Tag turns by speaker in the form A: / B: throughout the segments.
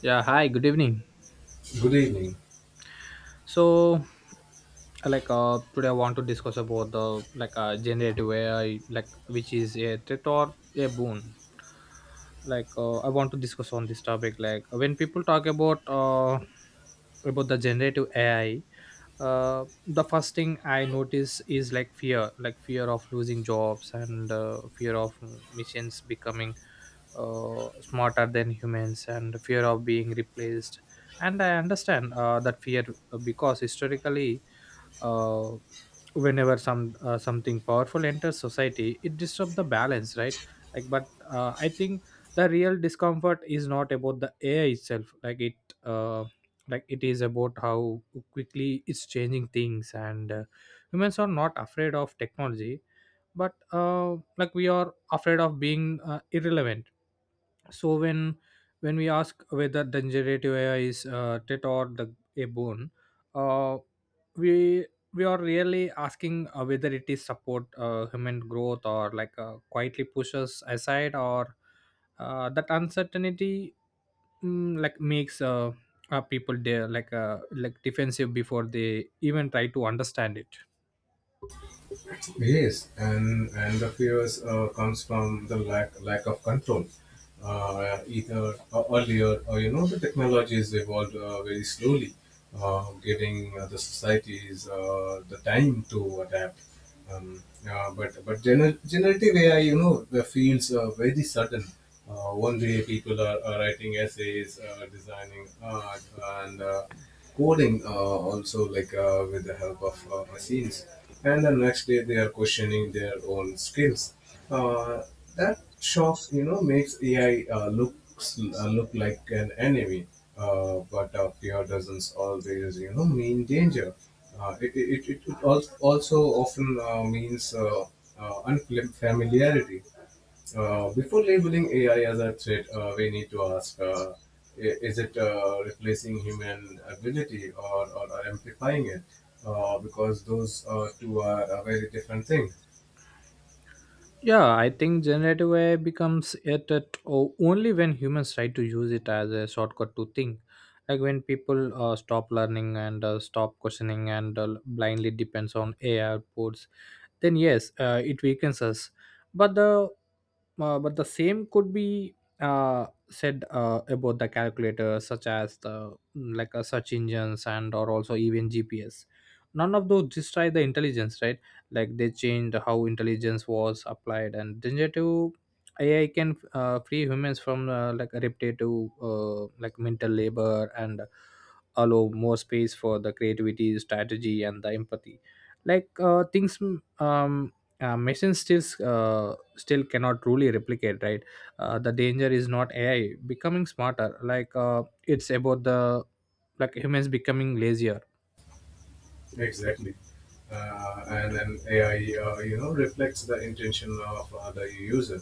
A: Yeah, hi, good evening.
B: Good evening.
A: So, today I want to discuss about the like generative AI, like which is a threat or a boon. I want to discuss on this topic. Like when people talk about the generative AI, the first thing I notice is like fear of losing jobs and fear of machines becoming smarter than humans and fear of being replaced and I understand that fear because historically uh, whenever something powerful enters society, it disrupts the balance, right? like but I think the real discomfort is not about the AI itself, uh, like it is about how quickly it's changing things, and humans are not afraid of technology, but like we are afraid of being irrelevant. So when we ask whether the generative AI is tit or the a bone, uh, we we are really asking whether it is support human growth or like quietly pushes aside, or that uncertainty mm, like makes people there like defensive before they even try to understand it.
B: Yes, and the fears comes from the lack of control. Either earlier, or you know, the technologies evolved very slowly, giving the societies the time to adapt. Um, but generative AI, you know, the feels very sudden. One day people are writing essays, designing art, and coding also like with the help of machines, and the next day they are questioning their own skills. uh, that shock, you know, makes AI look like an enemy. But fear doesn't always, you know, mean danger. It also often means unfamiliarity. Before labeling AI as a threat, we need to ask, is it replacing human ability, or amplifying it? Because those two are a very different thing.
A: Yeah, I think generative AI becomes it at only when humans try to use it as a shortcut to think. Like when people stop learning and stop questioning and blindly depends on AI outputs, then yes, it weakens us. But the but the same could be said about the calculators, such as the search engines and or also even GPS. None of those destroy the intelligence, right? Like they changed how intelligence was applied, and generative AI can free humans from like repetitive like mental labor and allow more space for the creativity, strategy, and the empathy, things machines still cannot truly replicate, right? The danger is not AI becoming smarter, it's about the like humans becoming lazier.
B: Exactly. And then AI, you know, reflects the intention of the user.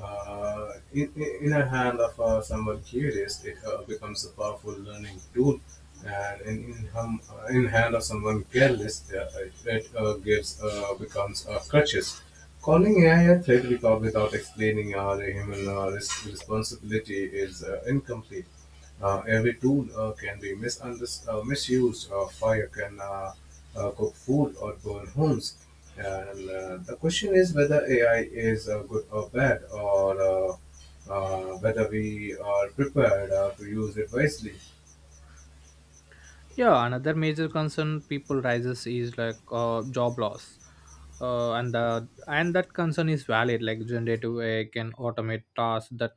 B: In the hand of someone curious, it becomes a powerful learning tool. And in, hum, in hand of someone careless, it, it gives becomes a crutches. Calling AI a threat without explaining the human responsibility is incomplete. Every tool can be misused. Fire can cook food or burn homes. And the question is whether AI is good or bad, or whether we are prepared to use it wisely.
A: Yeah, another major concern people raises is like job loss, and that concern is valid. Like generative AI can automate tasks that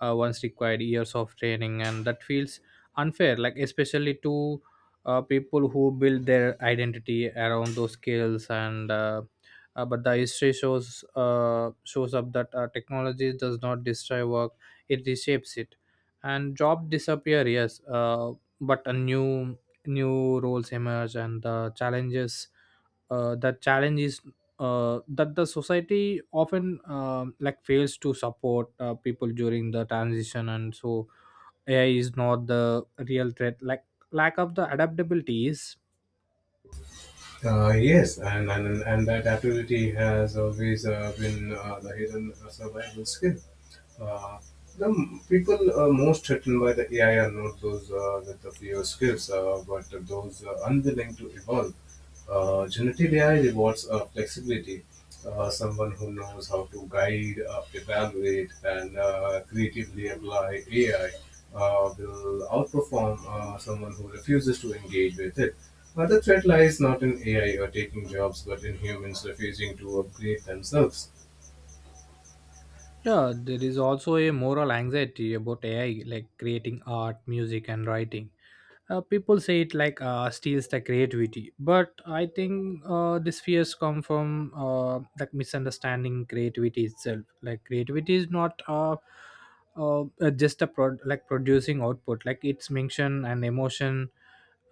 A: once required years of training, and that feels unfair. Like especially to people who build their identity around those skills, and but the history shows up that technology does not destroy work; it reshapes it, and job disappear. Yes, but a new roles emerge, and the challenge is that the society often fails to support people during the transition. And so AI is not the real threat, like lack of the adaptability is.
B: Yes, and that ability has always been the hidden survival skill. Uh, the people most threatened by the AI are not those with the fewer skills, but those unwilling to evolve. Generative AI rewards flexibility. Someone who knows how to guide, evaluate, and creatively apply AI will outperform someone who refuses to engage with it. The threat lies not in AI or taking jobs, but in humans refusing to upgrade themselves.
A: Yeah, there is also a moral anxiety about AI like creating art, music, and writing. People say it like steals the creativity, but I think these fears come from like misunderstanding creativity itself. Like creativity is not like producing output, like its mention and emotion,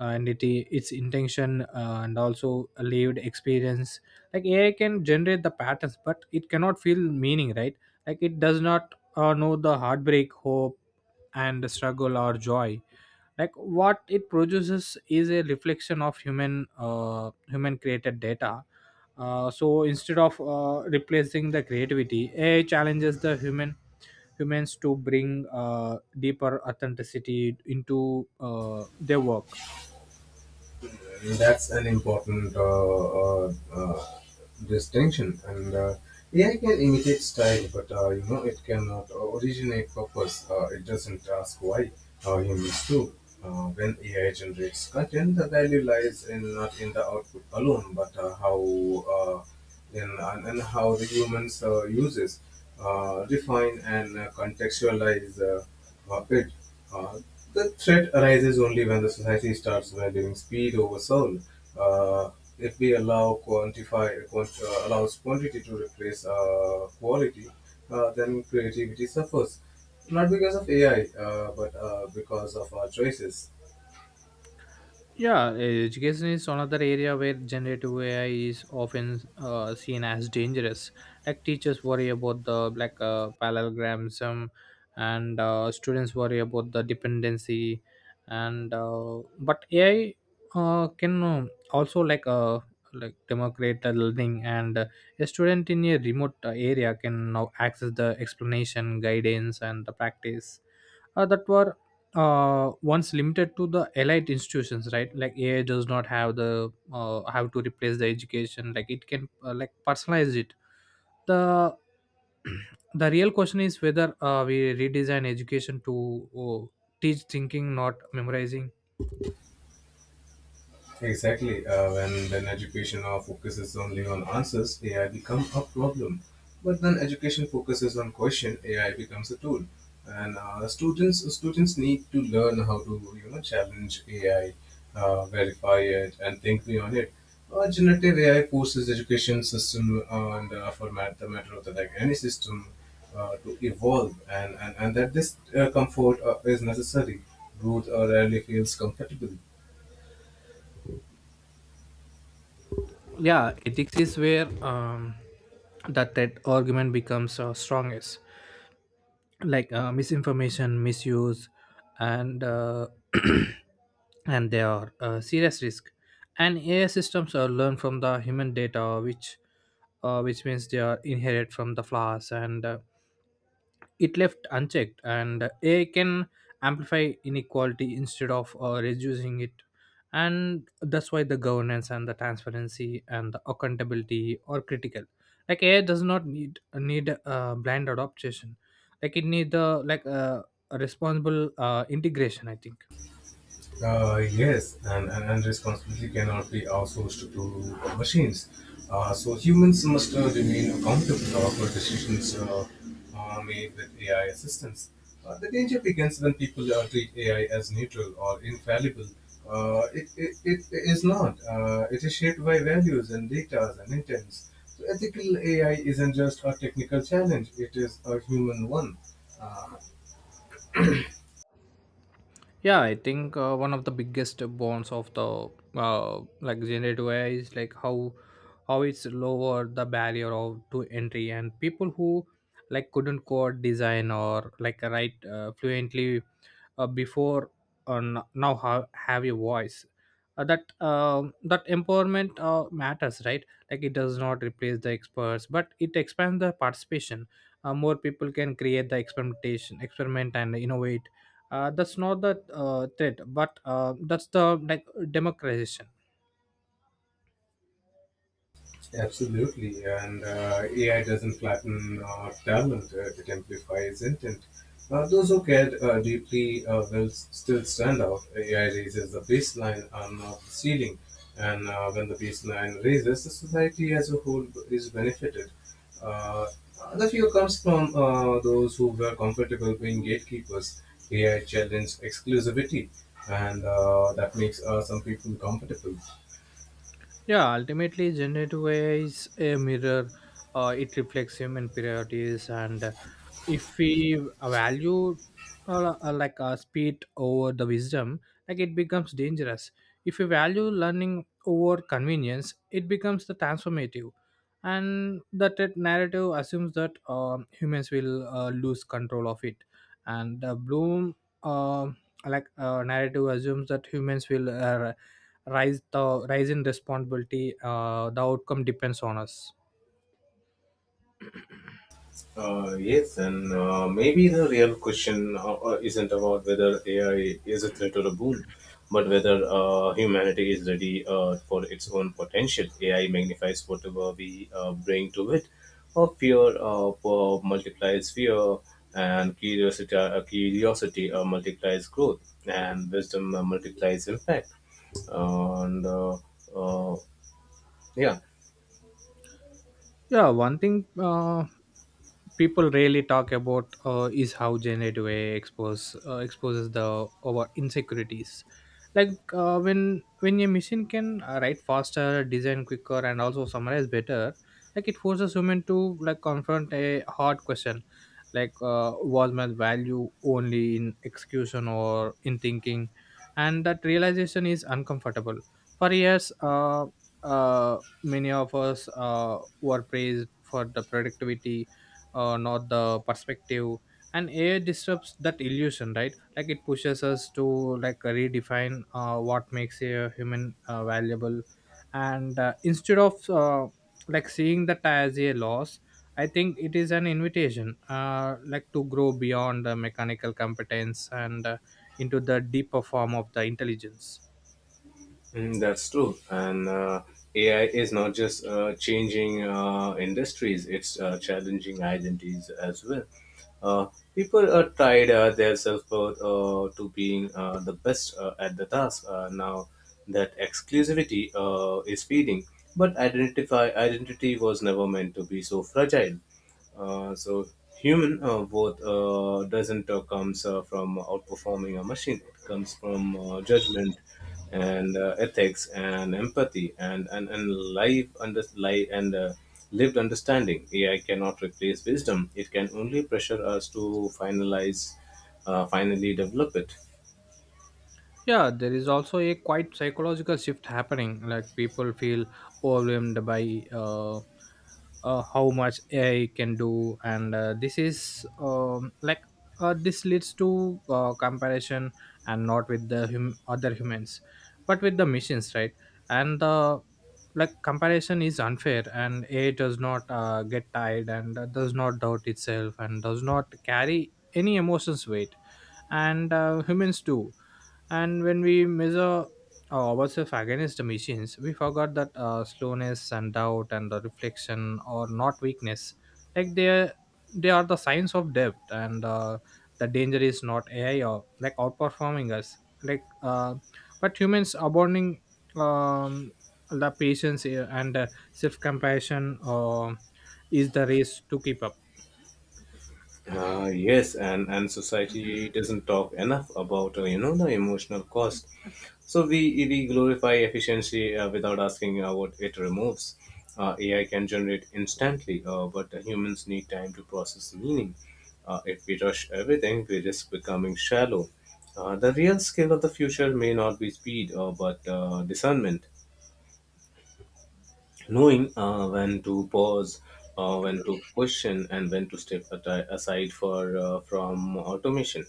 A: and its intention and also a lived experience. Like AI can generate the patterns, but it cannot feel meaning, right? Like it does not know the heartbreak, hope, and the struggle or joy. Like what it produces is a reflection of human created data. So instead of replacing the creativity, AI challenges the human humans to bring deeper authenticity into their work.
B: And that's an important uh, uh, distinction. And AI can imitate style, but you know it cannot originate purpose. It doesn't ask why humans do. When AI generates content, the value lies in not in the output alone, but how. Uh, and how the humans uses, define, and contextualize it. Uh, the threat arises only when the society starts valuing speed over soul. Uh, if we allow quantify quant, allows quantity to replace quality, then creativity suffers. Not because of AI, but because of our choices.
A: Yeah, education is another area where generative AI is often seen as dangerous. Like teachers worry about the like parallelism, and students worry about the dependency, and but AI can also like democrate the learning, and a student in a remote area can now access the explanation, guidance, and the practice that were once limited to the elite institutions, right? Like AI does not have to replace the education. Like it can personalize it. The The real question is whether we redesign education to teach thinking, not memorizing.
B: Exactly. When education now focuses only on answers, AI becomes a problem. But when education focuses on question, AI becomes a tool. And students need to learn how to, you know, challenge AI, verify it, and think beyond it. Generative AI forces education system and for the matter of the like any system to evolve, and that this comfort is necessary. Growth rarely feels comfortable.
A: Yeah, ethics is where that argument becomes strongest. Like misinformation, misuse, and and they are a serious risk. And AI systems are learned from the human data, which means they are inherited from the flaws, and it left unchecked, and AI can amplify inequality instead of reducing it. And that's why the governance and the transparency and the accountability are critical. Like AI does not need blind adoption. Like it need the a responsible integration, I think.
B: Yes, and responsibility cannot be outsourced to machines. So humans must remain accountable for decisions made with AI assistance. The danger begins when people treat AI as neutral or infallible. It is not. It is shaped by values and data and intents. So ethical AI isn't just a technical challenge, it is a human one.
A: Yeah, I think one of the biggest bonds of the like generative AI is like how it's lower the barrier of to entry. And people who like couldn't code, design, or like write fluently before now have a voice. That empowerment matters, right? Like it does not replace the experts, but it expands the participation. More people can create the experiment and innovate. That's not the threat, but that's the like democratization.
B: Absolutely, and AI doesn't flatten talent; it amplifies intent. Those who cared deeply will still stand out. AI raises the baseline and not the ceiling, and when the baseline raises, the society as a whole is benefited. Uh, the fear comes from those who were comfortable being gatekeepers. AI challenged exclusivity, and that makes some people comfortable.
A: Yeah, ultimately, generative AI is a mirror. It reflects human priorities, and if we value speed over the wisdom, like it becomes dangerous. If we value learning over convenience, it becomes the transformative. Narrative assumes that humans will lose control of it, and the Bloom uh, narrative assumes that humans will rise. The rise in responsibility, the outcome depends on us.
B: Yes, and maybe the real question isn't about whether AI is a threat or a boon, but whether humanity is ready for its own potential. AI magnifies whatever we bring to it, or fear multiplies fear, and curiosity multiplies growth, and wisdom multiplies impact. And uh, yeah.
A: Yeah, one thing people rarely talk about is how generative AI exposes the our insecurities. Like uh, when a machine can write faster, design quicker, and also summarize better, like it forces human to like confront a hard question, like was my value only in execution or in thinking? And that realization is uncomfortable. For years, uh, many of us were praised for the productivity, not the perspective. And AI disrupts that illusion, right? Like it pushes us to like redefine what makes a human valuable. And instead of like seeing that as a loss, I think it is an invitation like to grow beyond the mechanical competence and into the deeper form of the intelligence.
B: Mm, that's true. And AI is not just changing industries, it's challenging identities as well. Uh, People are tied their self-worth to being the best at the task now that exclusivity is fading. But identify identity was never meant to be so fragile. So human worth doesn't comes from outperforming a machine. It comes from judgment and ethics and empathy and life under life and lived understanding. AI cannot replace wisdom, it can only pressure us to finalize finally develop it.
A: Yeah, there is also a quite psychological shift happening. Like people feel overwhelmed by how much AI can do. And this is like this leads to comparison, and not with the other humans, but with the machines, right? And the like comparison is unfair. And AI does not get tired, and does not doubt itself, and does not carry any emotions weight. And humans do. And when we measure ourselves against the machines, we forgot that slowness and doubt and the reflection are not weakness. Like they are, they are the signs of depth, and the danger is not AI or like outperforming us. Like, uh, but humans abounding um, the patience, and self-compassion, is the race to keep up.
B: Yes, and society doesn't talk enough about, you know, the emotional cost. So we glorify efficiency without asking what it removes. AI can generate instantly, but humans need time to process meaning. If we rush everything, we risk becoming shallow. The real skill of the future may not be speed, but discernment, knowing when to pause, when to question, and when to step aside for from automation.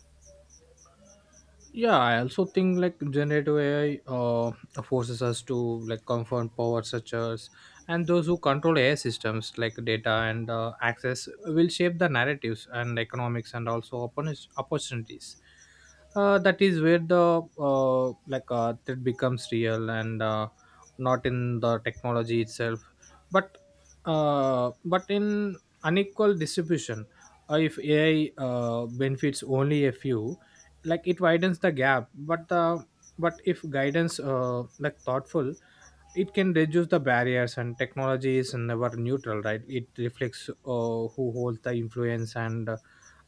A: Yeah, I also think like generative AI forces us to like confront power structures. And those who control AI systems like data and access will shape the narratives, and economics, and also opportunities. That is where the that becomes real, and not in the technology itself, but but in unequal distribution. If AI benefits only a few, like it widens the gap. But if guidance like thoughtful, it can reduce the barriers. And technology is never neutral, right? It reflects who holds the influence, and uh,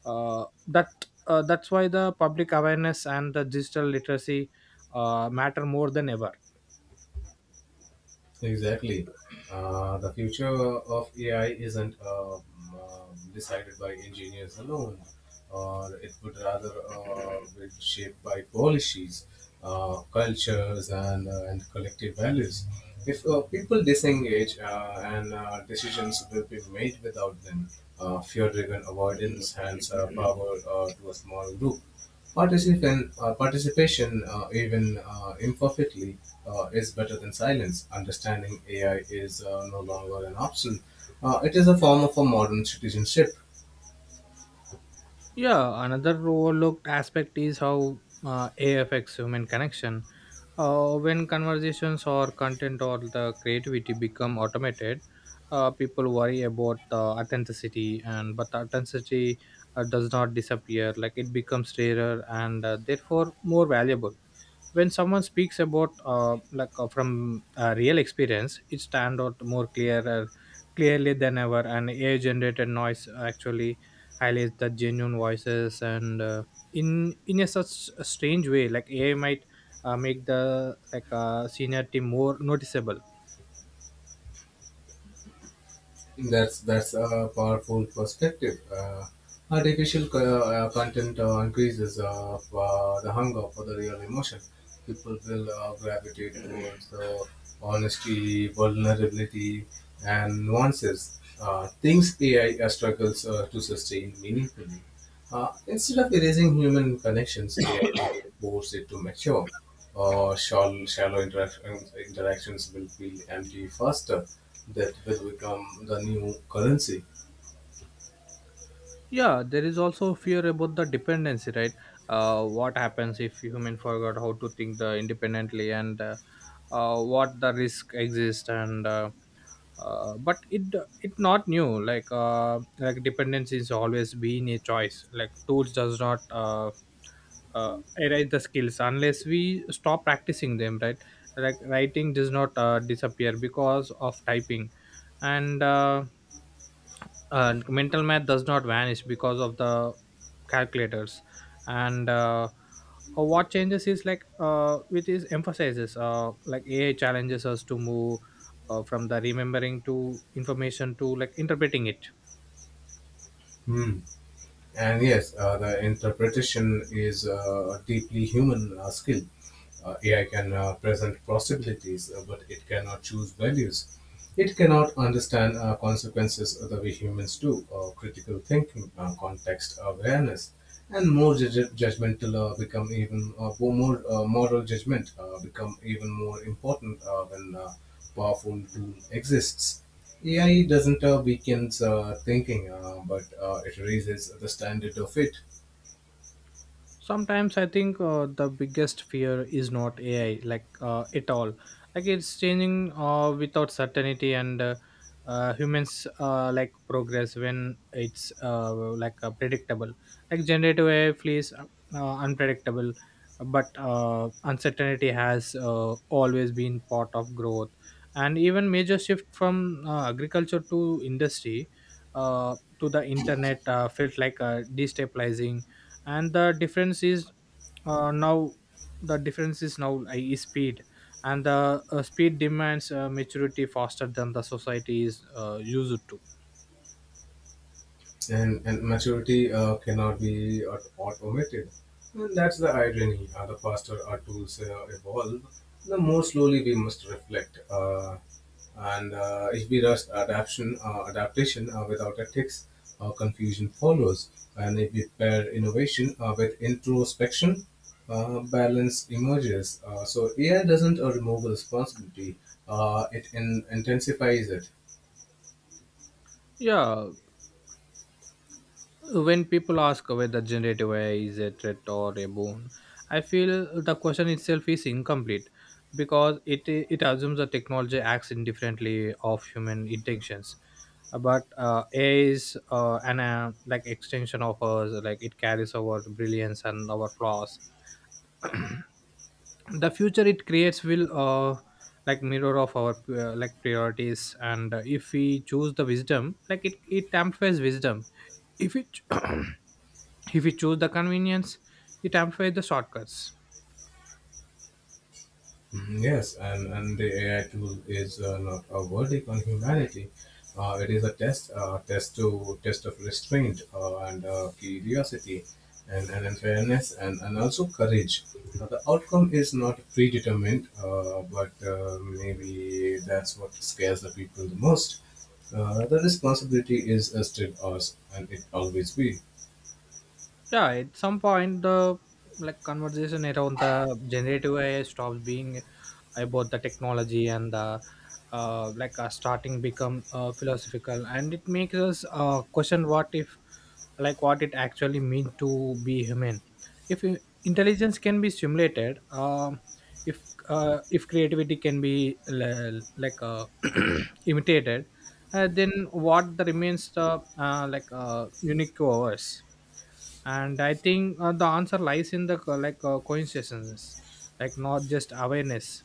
A: uh, that uh, that's why the public awareness and the digital literacy matter more than ever.
B: Exactly. The future of AI isn't decided by engineers alone, or it would rather be shaped by policies, cultures, and collective values. If people disengage and decisions will be made without them, fear driven avoidance hands power to a small group. Participation, even imperfectly, is better than silence. Understanding AI is no longer an option. It is a form of a modern citizenship.
A: Yeah, another overlooked aspect is how AI affects human connection. When conversations or content or the creativity become automated, people worry about authenticity, and but authenticity does not disappear. Like it becomes rarer and therefore more valuable when someone speaks about from real experience, it stand out more clearer clearly than ever, and ai generated noise actually highlights the genuine voices, and in a such a strange way, like ai might make the seniority more noticeable.
B: That's a powerful perspective. Artificial content increases the hunger for the real emotion. People will gravitate towards the honesty, vulnerability, and nuances. Things AI struggles to sustain meaningfully. Instead of erasing human connections, AI will force it to mature. Shallow interactions will feel empty faster. That will become the new currency.
A: Yeah, there is also fear about the dependency, right? What happens if human forgot how to think the independently, and what the risk exists, and but it not new. Like dependence is always been a choice. Like tools does not erase the skills unless we stop practicing them, right? Like writing does not disappear because of typing, and uh, and mental math does not vanish because of the calculators, and what changes is it is emphasizes. Like ai challenges us to move from the remembering to information to like interpreting it.
B: Hmm. And yes, the interpretation is a deeply human skill. AI can present possibilities, but it cannot choose values. It cannot understand consequences the way humans do. Critical thinking, context awareness, and moral judgment become even more important when powerful tool exists. AI doesn't weaken thinking, but it raises the standard of it.
A: Sometimes I think the biggest fear is not ai at all. Like it's changing without certainty, and humans like progress when it's predictable. Like generative ai feels unpredictable, but uncertainty has always been part of growth, and even major shift from agriculture to industry to the internet felt like destabilizing. And uh, now the difference is now is speed, and the speed demands maturity faster than the society is used to.
B: And maturity cannot be automated. And that's the irony. The faster our tools evolve, the more slowly we must reflect. And If we rush adaptation without ethics, confusion follows. And if we pair innovation with introspection, balance emerges. So AI doesn't remove responsibility; it intensifies it.
A: Yeah, when people ask whether generative ai is a threat or a boon, I feel the question itself is incomplete because it assumes that technology acts indifferently of human intentions. But ai is an like extension of us. Like it carries our brilliance and our flaws. The future it creates will like mirror of our like priorities, and if we choose the wisdom, like it amplifies wisdom. If we ch- If we choose the convenience, it amplifies the shortcuts.
B: Mhm. Yes, and the AI tool is not a verdict on humanity. It is a test, test to test of restraint and curiosity, and fairness, and also courage. The outcome is not predetermined, but maybe that's what scares the people the most. The responsibility is still ours, and it always will.
A: Yeah, at some point the like conversation around the generative ai stops being about the technology, and the starting become philosophical, and it makes us question what if, like what it actually means to be human. If I- Intelligence can be simulated. If if creativity can be imitated, then what the remains the unique to ours. And I think the answer lies in the coincidences, like not just awareness,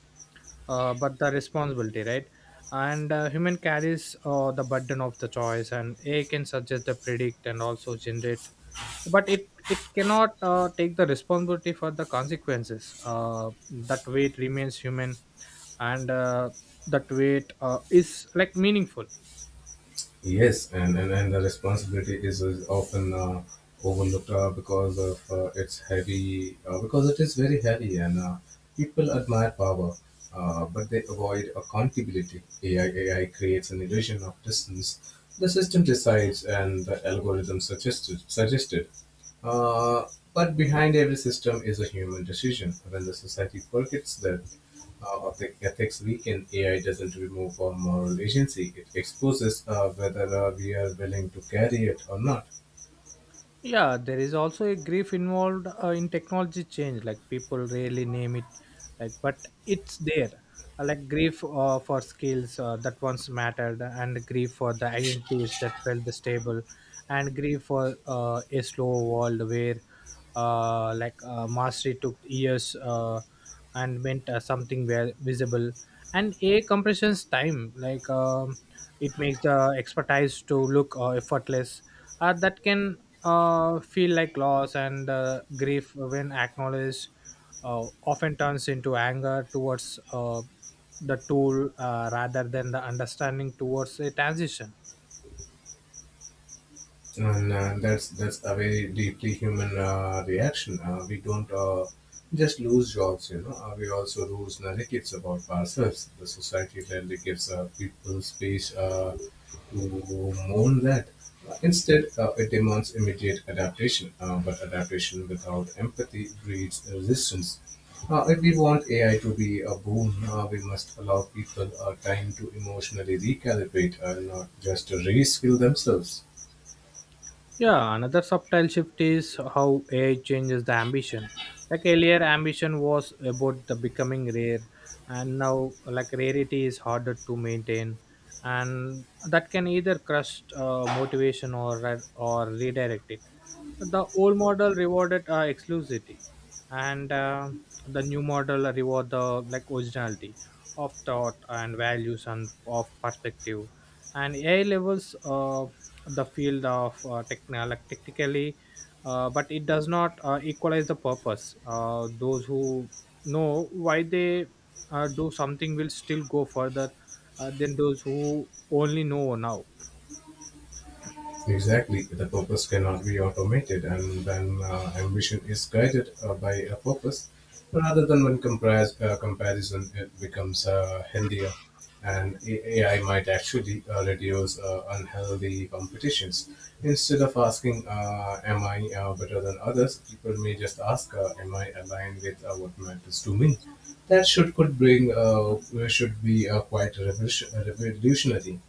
A: but the responsibility, right? And human carries the burden of the choice, and AI can suggest the predict and also generate, but it cannot take the responsibility for the consequences. That weight remains human, and that weight is like meaningful.
B: Yes, and the responsibility is often overlooked because of its heavy, because it is very heavy, and people admire power, but they avoid accountability. AI creates an illusion of distance. The system decides, and the algorithm suggested. Uh, but behind every system is a human decision. When the society forgets that, of the ethics weekend, AI doesn't remove our moral agency. It exposes whether we are willing to carry it or not.
A: Yeah, there is also a grief involved in technology change. Like people rarely name it, like but it's there. Like grief for skills that once mattered, and grief for the identities that felt stable, and grief for a slow world where, mastery took years and meant something well visible, and a compression's time. It makes the expertise to look effortless. That can feel like loss, and grief, when acknowledged, often turns into anger towards the tool rather than the understanding towards a transition.
B: And that's a very deeply human reaction. We don't just lose jobs, you know. We also lose narratives about ourselves. The society rarely gives people space to mourn that. Instead, it demands immediate adaptation, but adaptation without empathy breeds resistance. If we want AI to be a boom, we must allow people time to emotionally recalibrate and not just to reskill themselves.
A: Yeah, another subtle shift is how AI changes the ambition. Like earlier, ambition was about the becoming rare, and now like rarity is harder to maintain, and that can either crush motivation or redirect it. The old model rewarded exclusivity, and the new model reward the like originality of thought and values and of perspective, and AI levels the field of like technically, but it does not equalize the purpose. Those who know why they do something will still go further than those who only know now.
B: Exactly, the purpose cannot be automated, and then ambition is guided by a purpose rather than when comparison it becomes healthier. And AI might actually reduce unhealthy competitions. Instead of asking, "Am I better than others?" people may just ask, "Am I aligned with what matters to me?" That should be quite revolutionary.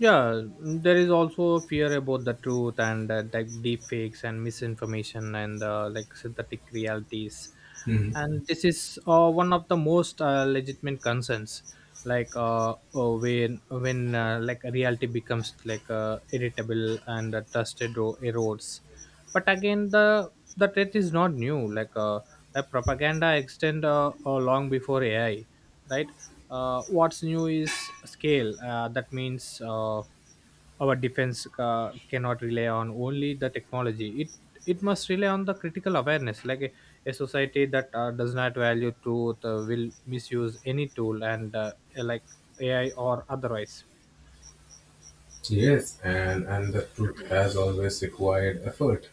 A: Yeah, there is also fear about the truth and like deep fakes and misinformation and like synthetic realities,
B: Mm-hmm.
A: and this is one of the most legitimate concerns. When when like reality becomes like irritable, and trusted erodes, but again the threat is not new. Like propaganda extend long before AI, right? What's new is scale. That means our defense cannot rely on only the technology. It must rely on the critical awareness. Like a society that does not value truth will misuse any tool, and like AI or otherwise.
B: Yes, and the truth has always required effort.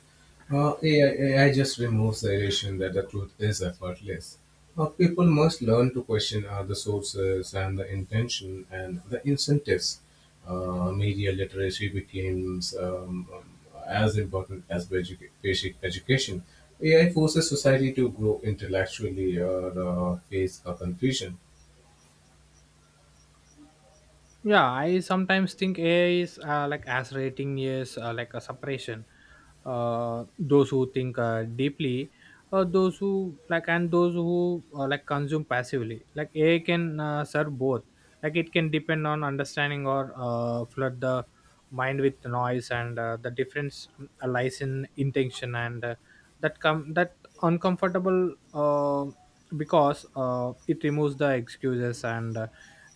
B: AI just removes the illusion that the truth is effortless. People must learn to question the sources and the intention and the incentives. Media literacy becomes as important as basic education. AI forces society to grow intellectually or face a confusion.
A: Yeah, I sometimes think ai is like as rating is like a separation. Those who think deeply, those who like, and those who like consume passively. Like ai can serve both. Like it can depend on understanding, or flood the mind with noise, and the difference lies in intention, and that come that uncomfortable, because it removes the excuses, and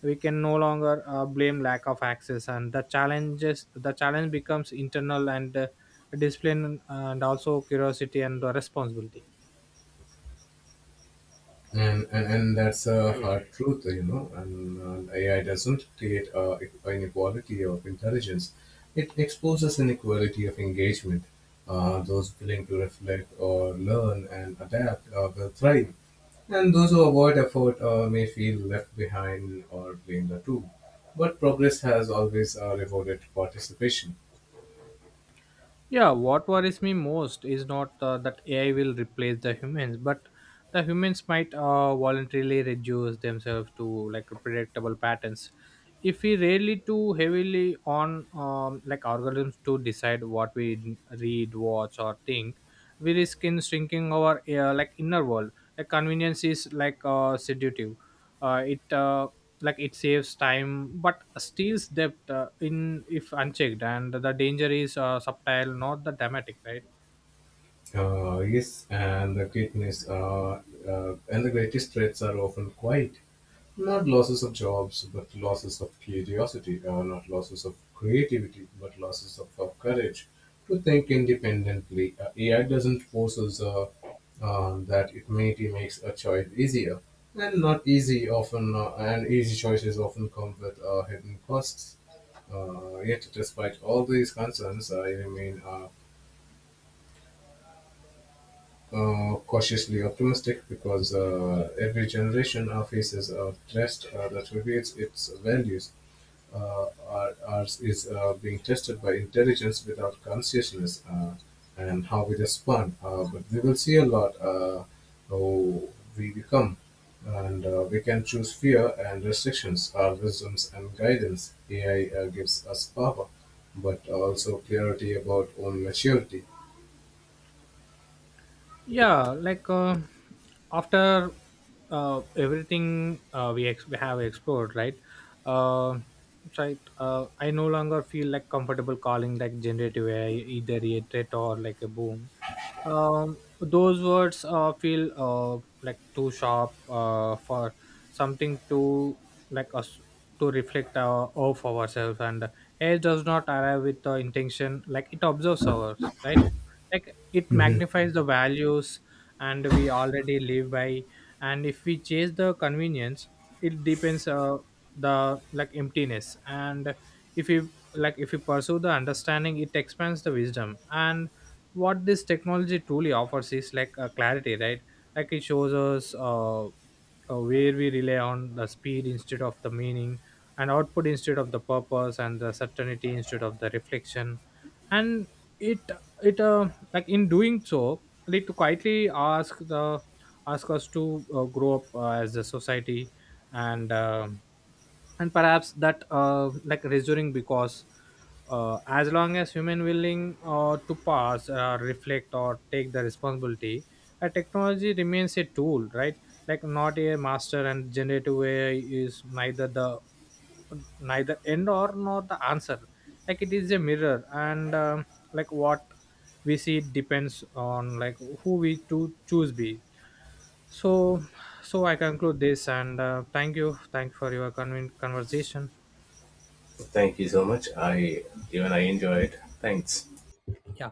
A: we can no longer blame lack of access, and the challenge becomes internal, and discipline and also curiosity, and responsibility.
B: And that's a hard truth, you know, and AI doesn't create inequality of intelligence. It exposes inequality of engagement. Those willing to reflect or learn and adapt will thrive, and those who avoid effort may feel left behind or blame the tool, but progress has always rewarded participation.
A: Yeah, what worries me most is not that AI will replace the humans, but the humans might voluntarily reduce themselves to like predictable patterns. If we rely too heavily on like algorithms to decide what we read, watch, or think, we risk in shrinking our like inner world. Like convenience is like seductive. It like it saves time but steals depth in, if unchecked, and the danger is subtle, not the dramatic, right?
B: Yes, and the greatest threats are often quiet, not losses of jobs, but losses of curiosity, not losses of creativity, but losses of courage to think independently. AI doesn't force us, that it maybe makes a choice easier, and not easy often, and easy choices often come with hidden costs. Yet, despite all these concerns, I remain cautiously optimistic because every generation faces a test that reveals its values. Ours is being tested by intelligence without consciousness, and how we respond. But we will see a lot how we become. And we can choose fear and restrictions, our wisdoms and guidance. AI gives us power, but also clarity about own maturity.
A: Yeah, after everything we, we have explored, right? uh, right I no longer feel like comfortable calling like generative ai either a threat or like a boom. Those words feel like too sharp for something to like us to reflect of ourselves, and ai does not arrive with the intention. Like it observes ours, right? Like it magnifies the values and we already live by, and if we chase the convenience, it depends the like emptiness, and if you, like, if you pursue the understanding, it expands the wisdom. And what this technology truly offers is like a clarity, right? Like it shows us where we rely on the speed instead of the meaning, and output instead of the purpose, and the certainty instead of the reflection. And it it like in doing so, like to quietly ask the ask us to grow up as a society. And and perhaps that like reassuring because as long as human willing to pass reflect or take the responsibility, a technology remains a tool, right? Like not a master. And generative ai is neither end or nor the answer. Like it is a mirror, and like what we see depends on like who we to choose be. So so I conclude this, and thank you, conversation.
B: Thank you so much. I Even I enjoy it. Thanks.
A: Yeah